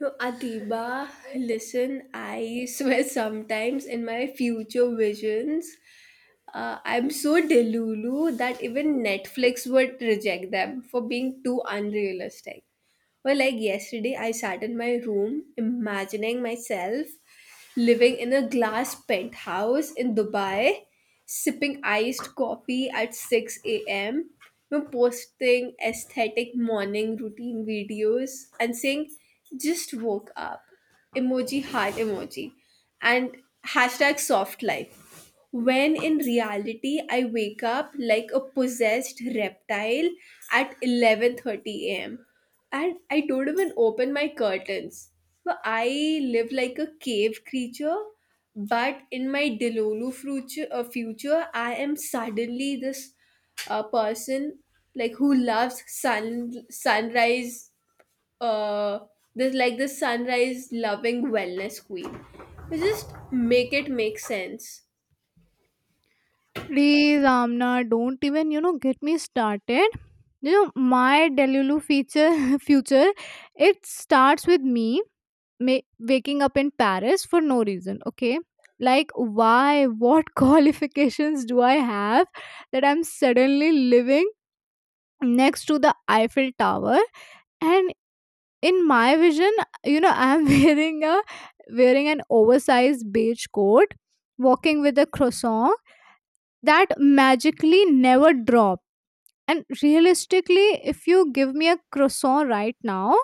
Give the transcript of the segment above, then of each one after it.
No, Atiba, listen, I swear sometimes in my future visions, I'm so delulu that even Netflix would reject them for being too unrealistic. Well, like yesterday, I sat in my room imagining myself living in a glass penthouse in Dubai, sipping iced coffee at 6 a.m., you know, posting aesthetic morning routine videos and saying, just woke up, emoji, heart emoji, and hashtag soft life. When in reality, I wake up like a possessed reptile at 11:30 a.m. And I don't even open my curtains. But I live like a cave creature. But in my Delulu future, I am suddenly this person like who loves sunrise. Uh, this sunrise loving wellness queen. You just make it make sense. Please, Amna, don't even get me started. You know my Delulu feature future. It starts with me waking up in Paris for no reason. Okay, like why? What qualifications do I have that I'm suddenly living next to the Eiffel Tower? And in my vision, you know, I'm wearing an oversized beige coat, walking with a croissant that magically never drop. And realistically, if you give me a croissant right now,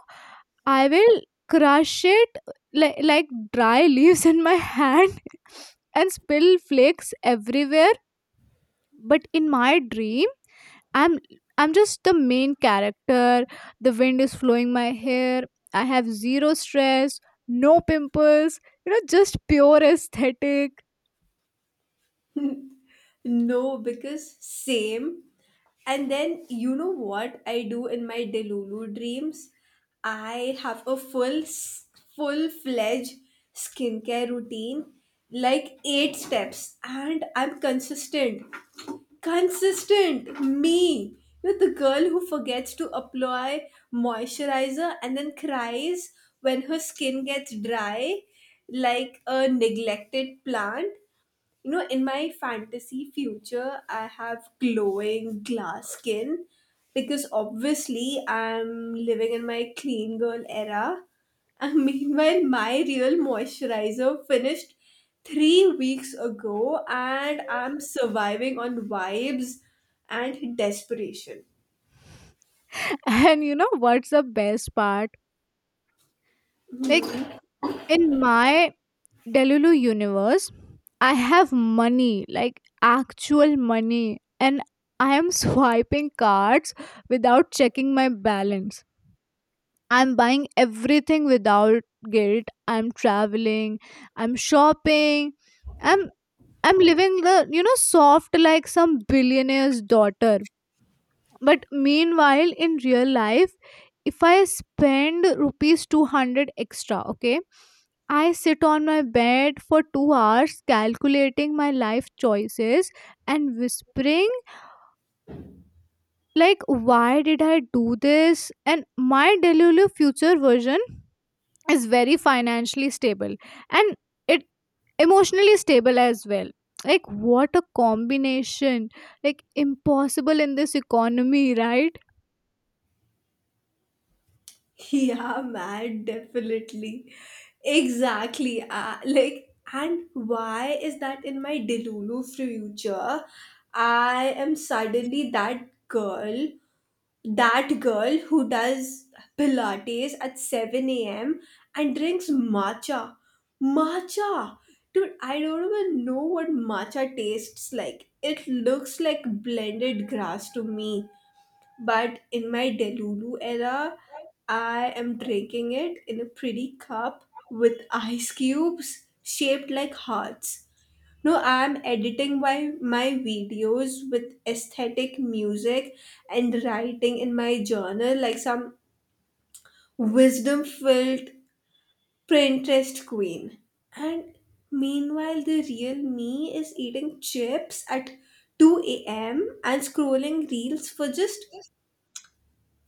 I will crush it, like dry leaves in my hand, and spill flakes everywhere. But in my dream, i'm I'm just the main character. The wind is flowing my hair, I have zero stress, no pimples, just pure aesthetic. No, because same. And then you know what I do in my Delulu dreams? I have a full fledged skincare routine, like eight steps, and I'm consistent. Consistent, me. You're the girl who forgets to apply moisturizer and then cries when her skin gets dry, like a neglected plant. You know, in my fantasy future I have glowing glass skin because obviously I'm living in my clean girl era. And meanwhile my real moisturizer finished 3 weeks ago and I'm surviving on vibes and desperation. And you know what's the best part? Like, in my Delulu universe, I have money, like actual money, and I am swiping cards without checking my balance. I'm buying everything without guilt. I'm traveling, I'm shopping, I'm I'm living the soft, like some billionaire's daughter. But meanwhile, in real life, if I spend rupees 200 extra, okay, I sit on my bed for 2 hours calculating my life choices and whispering, like, why did I do this? And my Delulu future version is very financially stable, and it emotionally stable as well. Like, what a combination. Like, impossible in this economy, right? Yeah, man, definitely. Exactly. Like, and why is that in my Delulu future? I am suddenly that girl who does Pilates at 7 a.m. and drinks matcha. Matcha! Dude, I don't even know what matcha tastes like. It looks like blended grass to me. But in my Delulu era, I am drinking it in a pretty cup with ice cubes shaped like hearts. No, I am editing my videos with aesthetic music and writing in my journal like some wisdom filled Pinterest queen. And meanwhile, the real me is eating chips at 2 a.m. and scrolling reels for just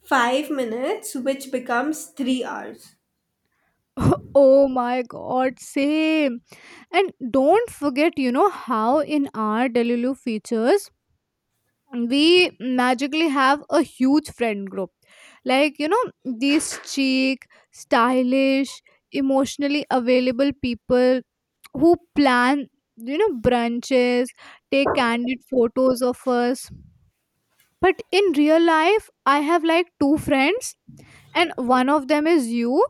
5 minutes, which becomes 3 hours. Oh my god, same. And don't forget, you know how in our Delulu features we magically have a huge friend group, like, you know, these chic, stylish, emotionally available people who plan, brunches, take candid photos of us. But in real life, I have like two friends, and one of them is you.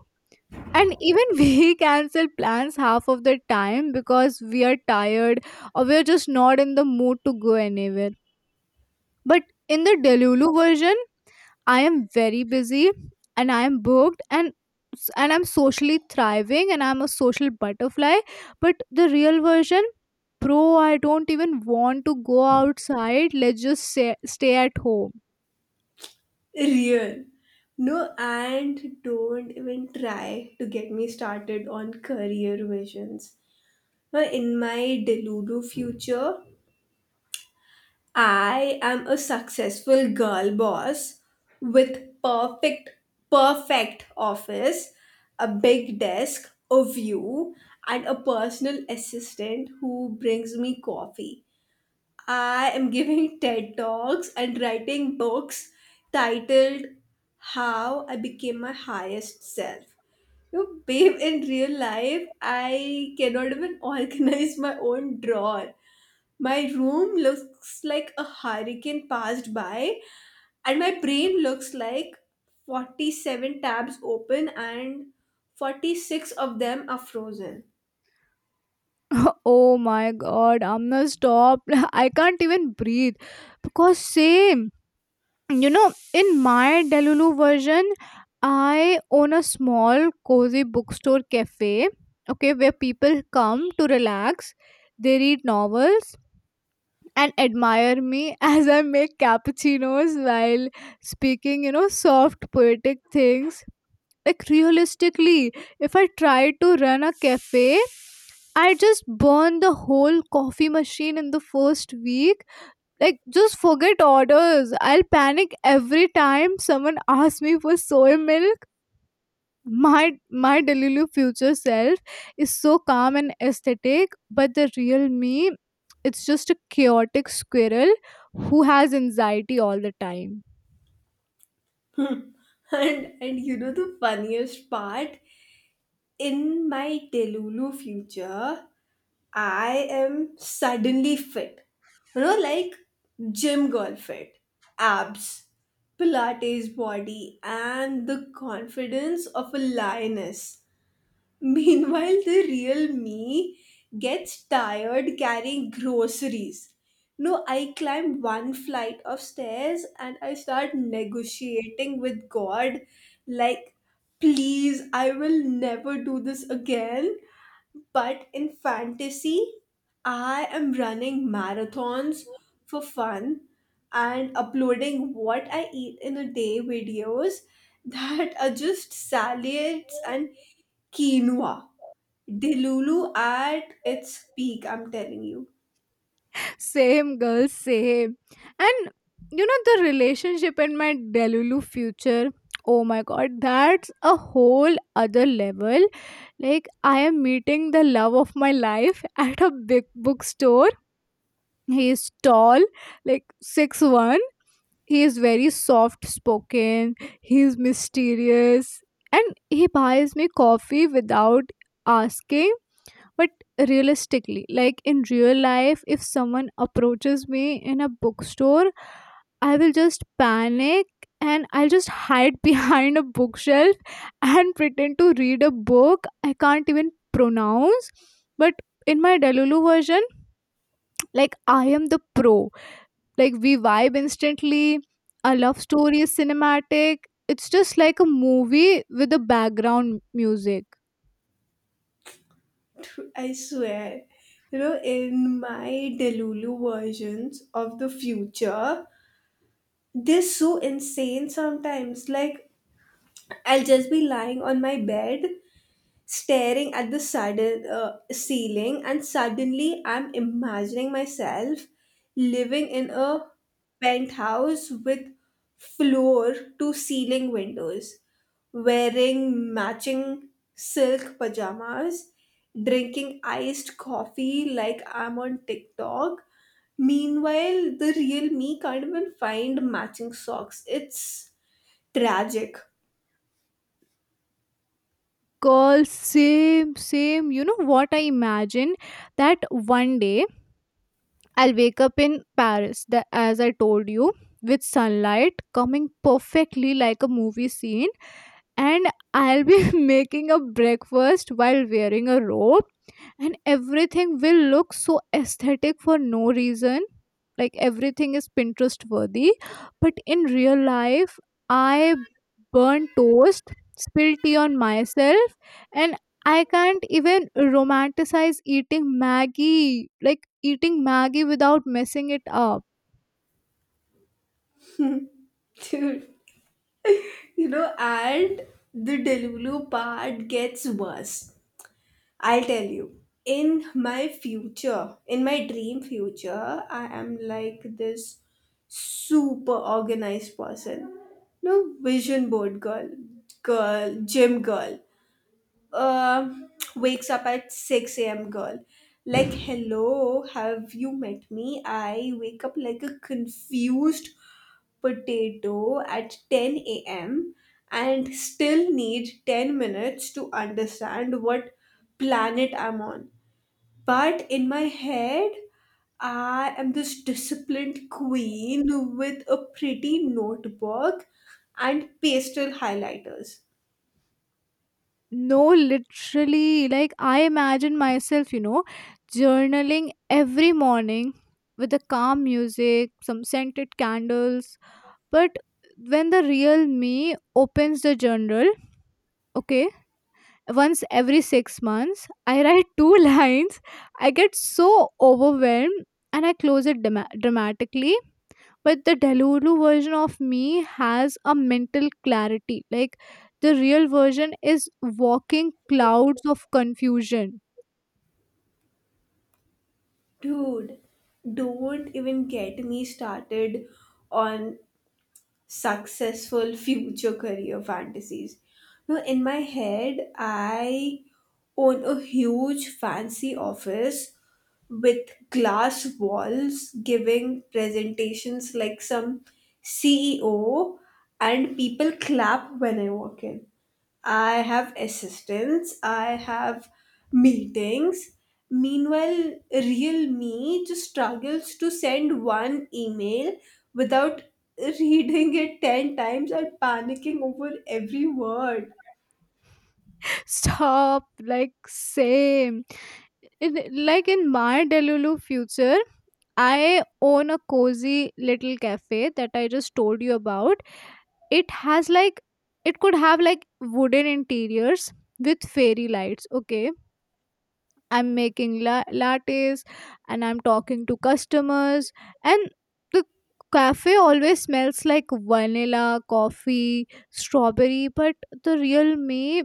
And even we cancel plans half of the time because we are tired, or we're just not in the mood to go anywhere. But in the Delulu version, I am very busy, and I am booked, and I'm socially thriving, and I'm a social butterfly. But the real version, bro, I don't even want to go outside, let's just say, stay at home. Real. No, and don't even try to get me started on career visions. Now, in my Delulu future, I am a successful girl boss with perfect office, a big desk, a view, and a personal assistant who brings me coffee. I am giving TED Talks and writing books titled How I Became My Highest Self. You know, babe, in real life, I cannot even organize my own drawer. My room looks like a hurricane passed by, and my brain looks like 47 tabs open, and 46 of them are frozen. Oh my god, I'm gonna stop. I can't even breathe because same. You know, in my Delulu version, I own a small, cozy bookstore cafe, okay, where people come to relax, they read novels, and admire me as I make cappuccinos while speaking, soft, poetic things. Like, realistically, if I tried to run a cafe, I just burn the whole coffee machine in the first week, like, just forget orders. I'll panic every time someone asks me for soy milk. My Delulu future self is so calm and aesthetic, but the real me, it's just a chaotic squirrel who has anxiety all the time. And you know the funniest part? In my Delulu future, I am suddenly fit. You know, like gym girl fit, abs, Pilates body, and the confidence of a lioness. Meanwhile, the real me gets tired carrying groceries. No, I climb one flight of stairs and I start negotiating with God, like, please, I will never do this again. But in fantasy, I am running marathons for fun and uploading what I eat in a day videos that are just salads and quinoa. Delulu at its peak, I'm telling you. Same girl, same. And you know the relationship and my Delulu future. Oh my god, that's a whole other level. Like, I am meeting the love of my life at a big bookstore. He is tall, like 6'1". He is very soft spoken. He is mysterious. And he buys me coffee without asking. But realistically, like in real life, if someone approaches me in a bookstore, I will just panic, and I'll just hide behind a bookshelf and pretend to read a book I can't even pronounce. But in my Delulu version, like, I am the pro. Like, we vibe instantly. Our love story is cinematic. It's just like a movie with a background music. I swear. You know, in my Delulu versions of the future, they're so insane sometimes. Like, I'll just be lying on my bed staring at the sudden ceiling, and suddenly I'm imagining myself living in a penthouse with floor to ceiling windows, wearing matching silk pajamas, drinking iced coffee like I'm on TikTok. Meanwhile, the real me can't even find matching socks. It's tragic. Girl, same, same. You know what I imagine? That one day I'll wake up in Paris, as I told you, with sunlight coming perfectly like a movie scene. And I'll be making a breakfast while wearing a robe, and everything will look so aesthetic for no reason, like everything is Pinterest worthy. But in real life, I burn toast, spill tea on myself, and I can't even romanticize eating maggie without messing it up. Dude. You know, and the Delulu part gets worse. I'll tell you. In my future, in my dream future, I am like this super organized person. No vision board girl, gym girl. Um, Wakes up at 6 a.m. girl. Like, hello, have you met me? I wake up like a confused potato at 10 a.m. and still need 10 minutes to understand what planet I'm on. But in my head, I am this disciplined queen with a pretty notebook and pastel highlighters. No, literally, like, I imagine myself journaling every morning with the calm music, some scented candles. But when the real me opens the journal, okay, once every 6 months, I write two lines. I get so overwhelmed and I close it dramatically. But the Delulu version of me has a mental clarity. Like, the real version is walking clouds of confusion. Dude, don't even get me started on successful future career fantasies. Now, in my head, I own a huge fancy office with glass walls giving presentations like some CEO, and people clap when I walk in. I have assistants, I have meetings. Meanwhile, real me just struggles to send one email without reading it 10 times and panicking over every word. Stop, like, same. Like in my Delulu future, I own a cozy little cafe that I just told you about. It has like it could have like wooden interiors with fairy lights. Okay, I'm making lattes, and I'm talking to customers, and the cafe always smells like vanilla, coffee, strawberry. But the real me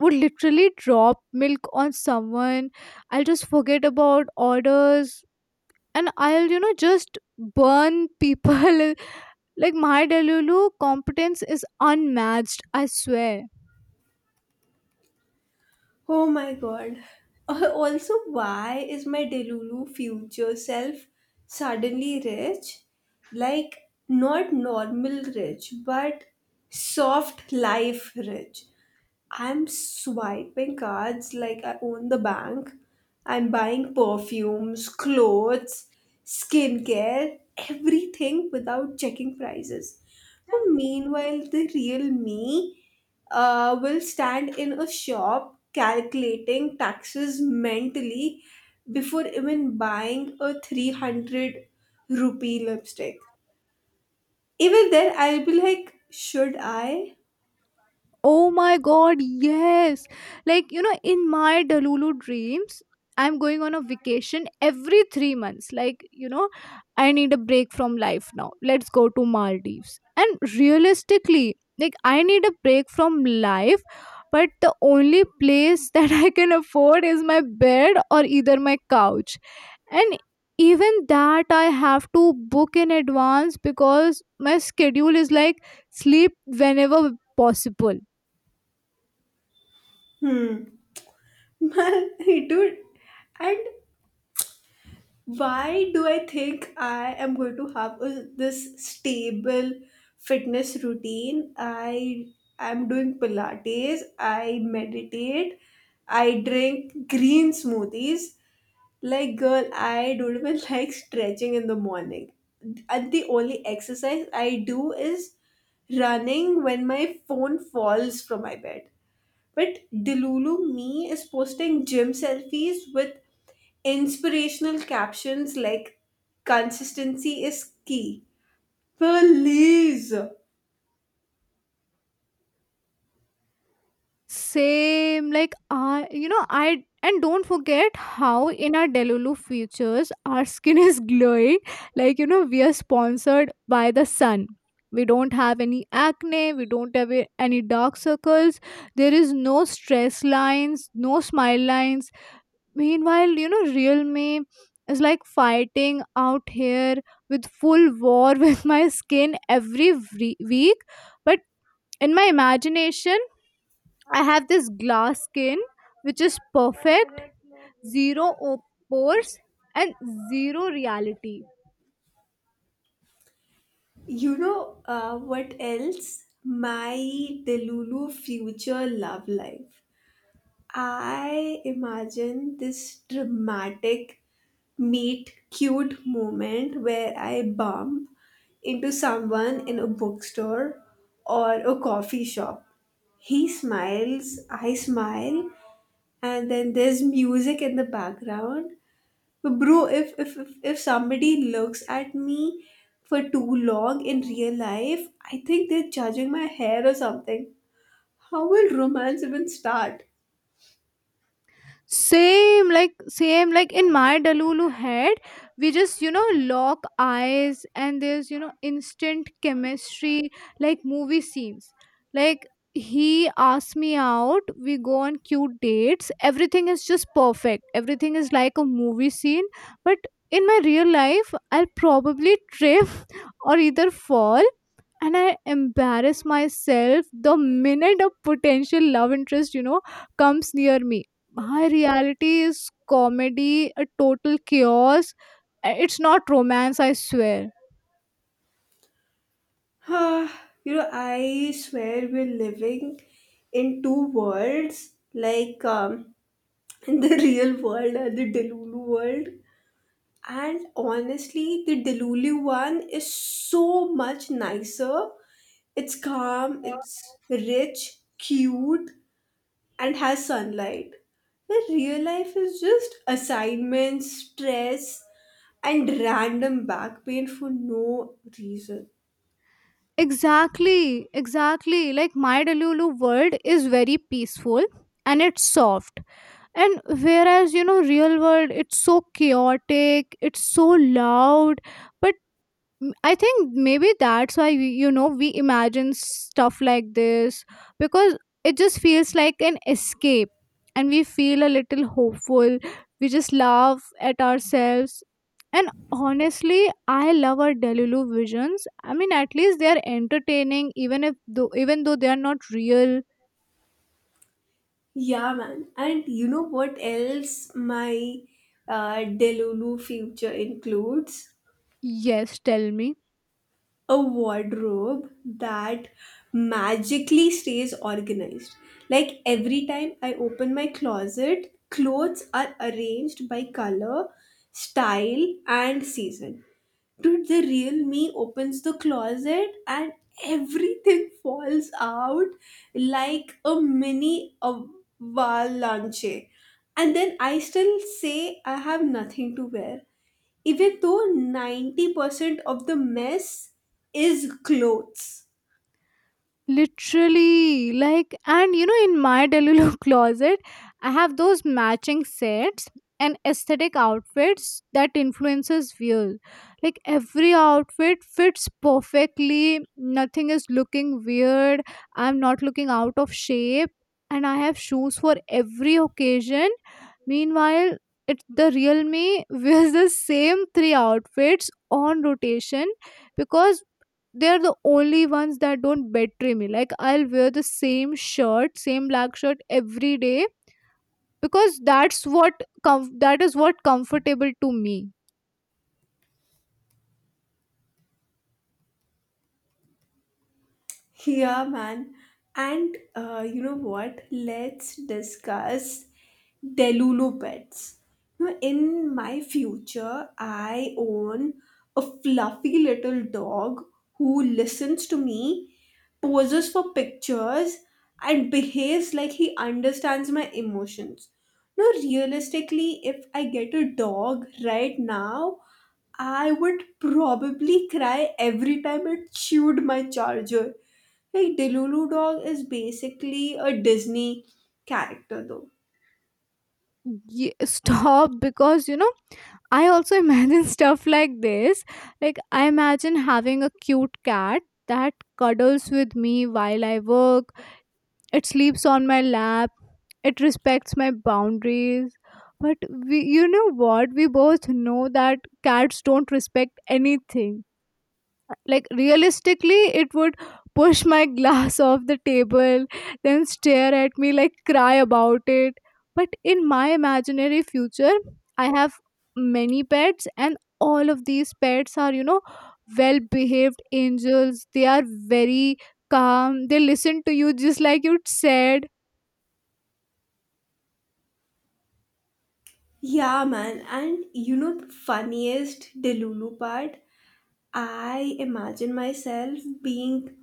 would literally drop milk on someone. I'll just forget about orders, and I'll, just burn people. Like, my Delulu competence is unmatched, I swear. Oh my god. Also, why is my Delulu future self suddenly rich? Like, not normal rich, but soft life rich. I'm swiping cards like I own the bank. I'm buying perfumes, clothes, skincare, everything without checking prices. Oh, meanwhile, the real me will stand in a shop calculating taxes mentally before even buying a 300 rupee lipstick. Even then, I'll be like, should I? Oh my god, yes. Like, in my Delulu dreams, I'm going on a vacation every 3 months. Like, I need a break from life now. Let's go to Maldives. And realistically, like, I need a break from life, but the only place that I can afford is my bed or either my couch. And even that, I have to book in advance because my schedule is like sleep whenever possible. Hmm. Man, dude, and why do I think I am going to have a, this stable fitness routine? I am doing Pilates, I meditate, I drink green smoothies. Like, girl, I don't even like stretching in the morning. And the only exercise I do is running when my phone falls from my bed. But Delulu me is posting gym selfies with inspirational captions like consistency is key. Please. Same, like, I you know I and don't forget how in our Delulu features our skin is glowing, like, we are sponsored by the sun. We don't have any acne, we don't have any dark circles, there is no stress lines, no smile lines. Meanwhile, real me is like fighting out here with full war with my skin every week. But in my imagination, I have this glass skin which is perfect, zero pores, and zero reality. You know what else? My Delulu future love life. I imagine this dramatic meet cute moment where I bump into someone in a bookstore or a coffee shop. He smiles, I smile, and then there's music in the background. But bro, if somebody looks at me for too long in real life, I think they're judging my hair or something. How will romance even start? Same, like in my Dalulu head, we just lock eyes, and there's instant chemistry, like movie scenes. Like, he asks me out, we go on cute dates. Everything is just perfect. Everything is like a movie scene. But in my real life, I'll probably trip or either fall. And I embarrass myself the minute a potential love interest, comes near me. My reality is comedy, a total chaos. It's not romance, I swear. You know, I swear we're living in two worlds, like in the real world and the Delulu world. And honestly, the Delulu one is so much nicer. It's calm, it's rich, cute, and has sunlight. Where real life is just assignments, stress, and random back pain for no reason. Exactly, exactly. Like, my Delulu world is very peaceful and it's soft. And whereas, real world, it's so chaotic, it's so loud, but I think maybe that's why we, you know we imagine stuff like this, because it just feels like an escape and we feel a little hopeful. We just laugh at ourselves, and honestly I love our Delulu visions. I mean, at least they are entertaining, even though they are not real. Yeah, man. And you know what else my Delulu future includes? Yes, tell me. A wardrobe that magically stays organized. Like every time I open my closet, clothes are arranged by color, style, and season. Dude, the real me opens the closet and everything falls out like a mini avalanche. And then I still say I have nothing to wear even though 90% of the mess is clothes. Literally, like, and in my delulo closet, I have those matching sets and aesthetic outfits that influences views. Like, every outfit fits perfectly, nothing is looking weird, I'm not looking out of shape, and I have shoes for every occasion. Meanwhile, it the real me wears the same three outfits on rotation, because they're the only ones that don't betray me. Like, I'll wear the same shirt same black shirt every day, because that is what comfortable to me. Yeah, man. And you know what? Let's discuss Delulu pets. Now, in my future, I own a fluffy little dog who listens to me, poses for pictures, and behaves like he understands my emotions. Now, realistically, if I get a dog right now, I would probably cry every time it chewed my charger. Like Delulu Dog is basically a Disney character though. Stop, because I also imagine stuff like this. Like, I imagine having a cute cat that cuddles with me while I work. It sleeps on my lap, it respects my boundaries. But we, you know what? We both know that cats don't respect anything. Like, realistically, it would push my glass off the table, then stare at me, like, cry about it. But in my imaginary future, I have many pets, and all of these pets are, well behaved angels. They are very calm, they listen to you just like you said. Yeah man, and you know the funniest Delulu part? I imagine myself being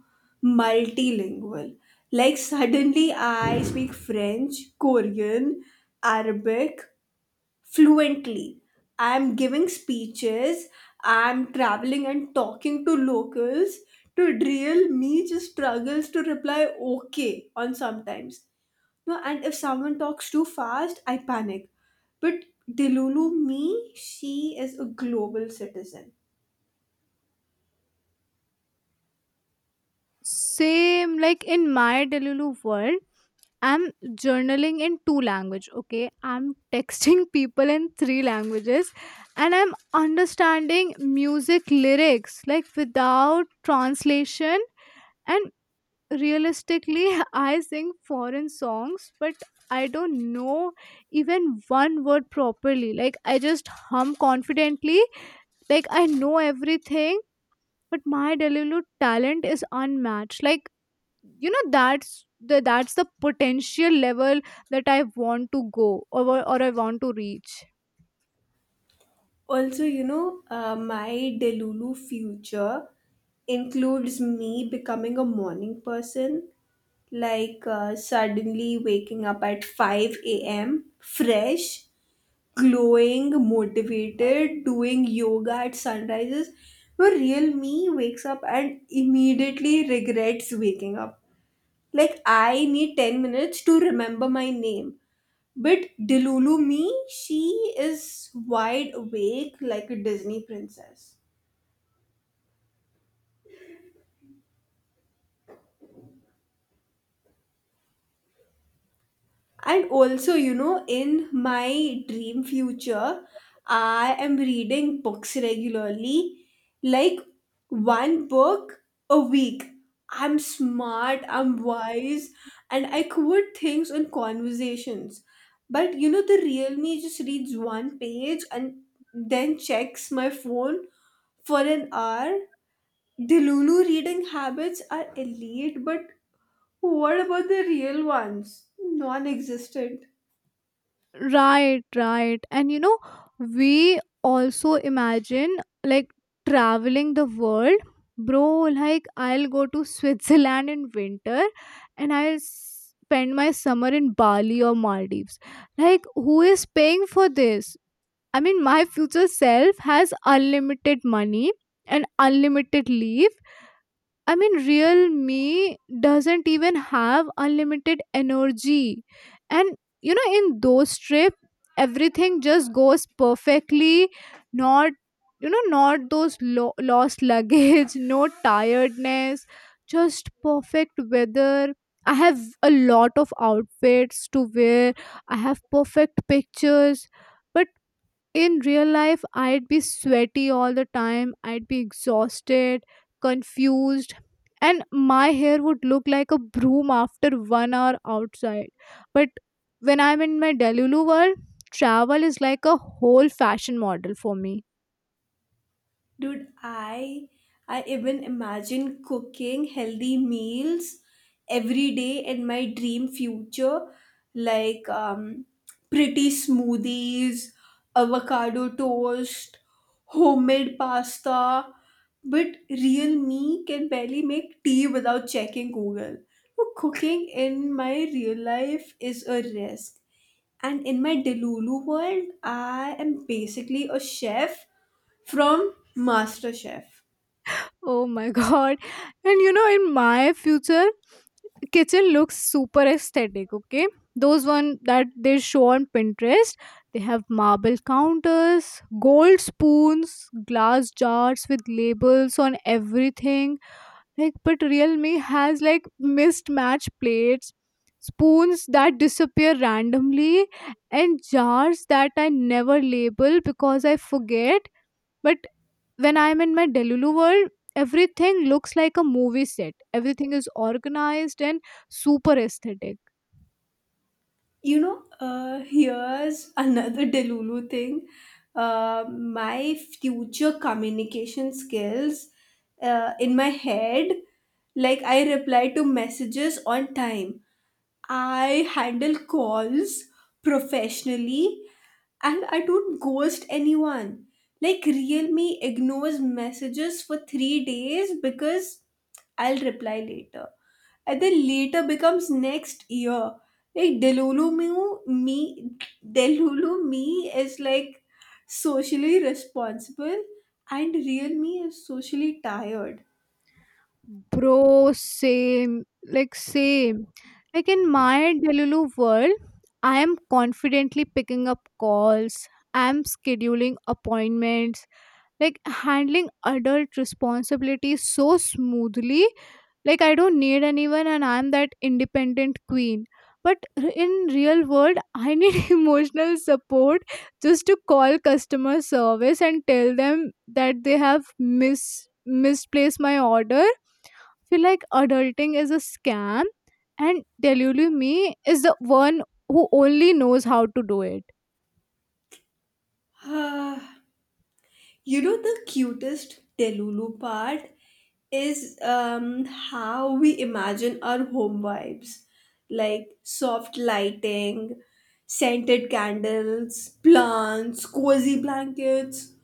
multilingual. Like suddenly I speak French, Korean, Arabic, fluently. I'm giving speeches, I'm traveling and talking to locals. To real me just struggles to reply okay on sometimes. No, and if someone talks too fast, I panic. But Delulu me, she is a global citizen. Same, like in my Delulu world, I'm journaling in two language, okay, I'm texting people in three languages, and I'm understanding music lyrics, like, without translation. And realistically I sing foreign songs, but I don't know even one word properly. Like, I just hum confidently, like I know everything. But my Delulu talent is unmatched. Like, that's the potential level that I want to go, or I want to reach. Also, you know, my Delulu future includes me becoming a morning person, like suddenly waking up at 5 a.m., fresh, glowing, motivated, doing yoga at sunrises. Where real me wakes up and immediately regrets waking up. Like, I need 10 minutes to remember my name. But Delulu me, she is wide awake like a Disney princess. And also, you know, in my dream future, I am reading books regularly, like one book a week. I'm smart, I'm wise, and I quote things on conversations. But you know, the real me just reads one page and then checks my phone for an hour. The Lulu reading habits are elite, but what about the real ones? Non-existent. Right, right. And we also imagine, like, traveling the world, bro. Like, I'll go to Switzerland in winter, and I'll spend my summer in Bali or Maldives. Like, who is paying for this? I mean, my future self has unlimited money and unlimited leave. I mean, real me doesn't even have unlimited energy. And, in those trips, everything just goes perfectly. Not, you know, not those lost luggage, no tiredness, just perfect weather. I have a lot of outfits to wear, I have perfect pictures. But in real life, I'd be sweaty all the time, I'd be exhausted, confused, and my hair would look like a broom after one hour outside. But when I'm in my Delulu world, travel is like a whole fashion model for me. Dude, I even imagine cooking healthy meals every day in my dream future, like pretty smoothies, avocado toast, homemade pasta. But real me can barely make tea without checking Google. So cooking in my real life is a risk. And in my Delulu world, I am basically a chef from MasterChef. Oh my god. And in my future, kitchen looks super aesthetic, okay, those one that they show on Pinterest, they have marble counters, gold spoons, glass jars with labels on everything. Like, but real me has like mismatched plates, spoons that disappear randomly, and jars that I never label because I forget. But when I'm in my Delulu world, everything looks like a movie set. Everything is organized and super aesthetic. You know, here's another Delulu thing. My future communication skills in my head, like I reply to messages on time. I handle calls professionally and I don't ghost anyone. Like, real me ignores messages for 3 days because I'll reply later. And then later becomes next year. Like, me, me, Delulu me is like socially responsible and real me is socially tired. Bro, same. Like, same. Like, in my Delulu world, I am confidently picking up calls, I'm scheduling appointments, like handling adult responsibilities so smoothly. Like, I don't need anyone, and I'm that independent queen. But in real world, I need emotional support just to call customer service and tell them that they have mis misplaced my order. I feel like adulting is a scam, and Delulu me is the one who only knows how to do it. You know, the cutest Telulu part is how we imagine our home vibes like soft lighting, scented candles, plants, cozy blankets,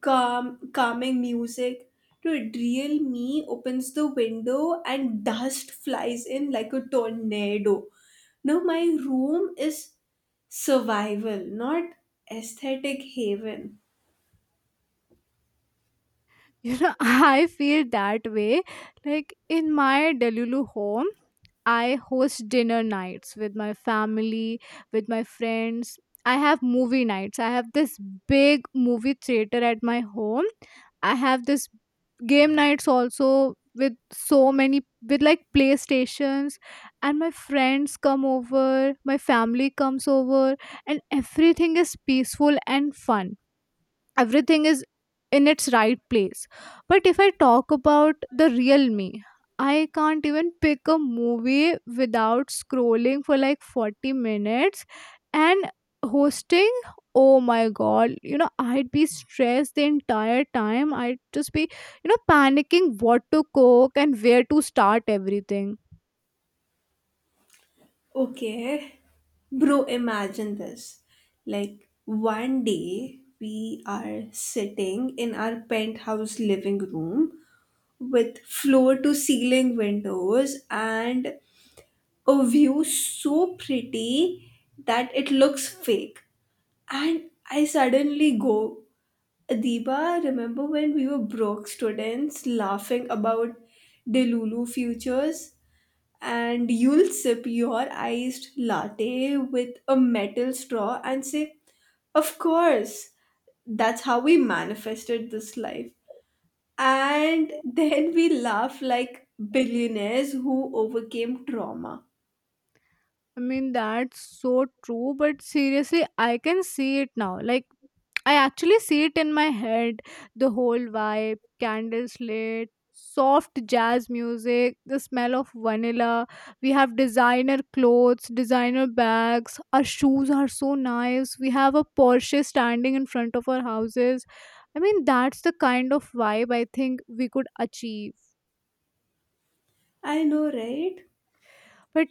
calming music. Dude, real me opens the window and dust flies in like a tornado. Now, my room is survival, not aesthetic haven. you know I feel that way. Like, in my Delulu home, I host dinner nights with my family, with my friends. I have movie nights, I have this big movie theater at my home, I have this game nights also, with so many with like playstations. And my friends come over, my family comes over, and everything is peaceful and fun. Everything is in its right place. But if I talk about the real me, I can't even pick a movie without scrolling for like 40 minutes, and hosting, oh my god, I'd be stressed the entire time. I'd just be, panicking what to cook and where to start everything. Okay. Bro, imagine this. Like, one day we are sitting in our penthouse living room with floor to ceiling windows and a view so pretty that it looks fake. And I suddenly go, Adiba, remember when we were broke students laughing about Delulu futures? And you'll sip your iced latte with a metal straw and say, of course, that's how we manifested this life. And then we laugh like billionaires who overcame trauma. I mean, that's so true, but seriously, I can see it now. Like, I actually see it in my head, the whole vibe, candles lit, soft jazz music, the smell of vanilla. We have designer clothes, designer bags. Our shoes are so nice. We have a Porsche standing in front of our houses. I mean, that's the kind of vibe I think we could achieve. I know, right? But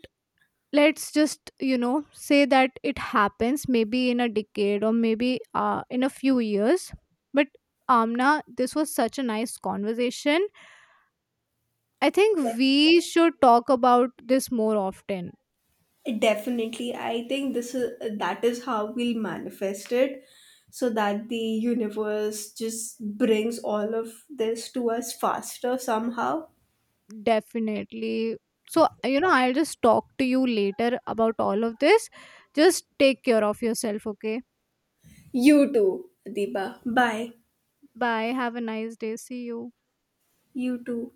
let's just say that it happens maybe in a decade, or maybe in a few years. But Amna, this was such a nice conversation. I think we should talk about this more often. Definitely. I think this is that is how we'll manifest it so that the universe just brings all of this to us faster somehow. Definitely. So, I'll just talk to you later about all of this. Just take care of yourself, okay. You too, Adiba. Bye. Bye, have a nice day, see you. You too.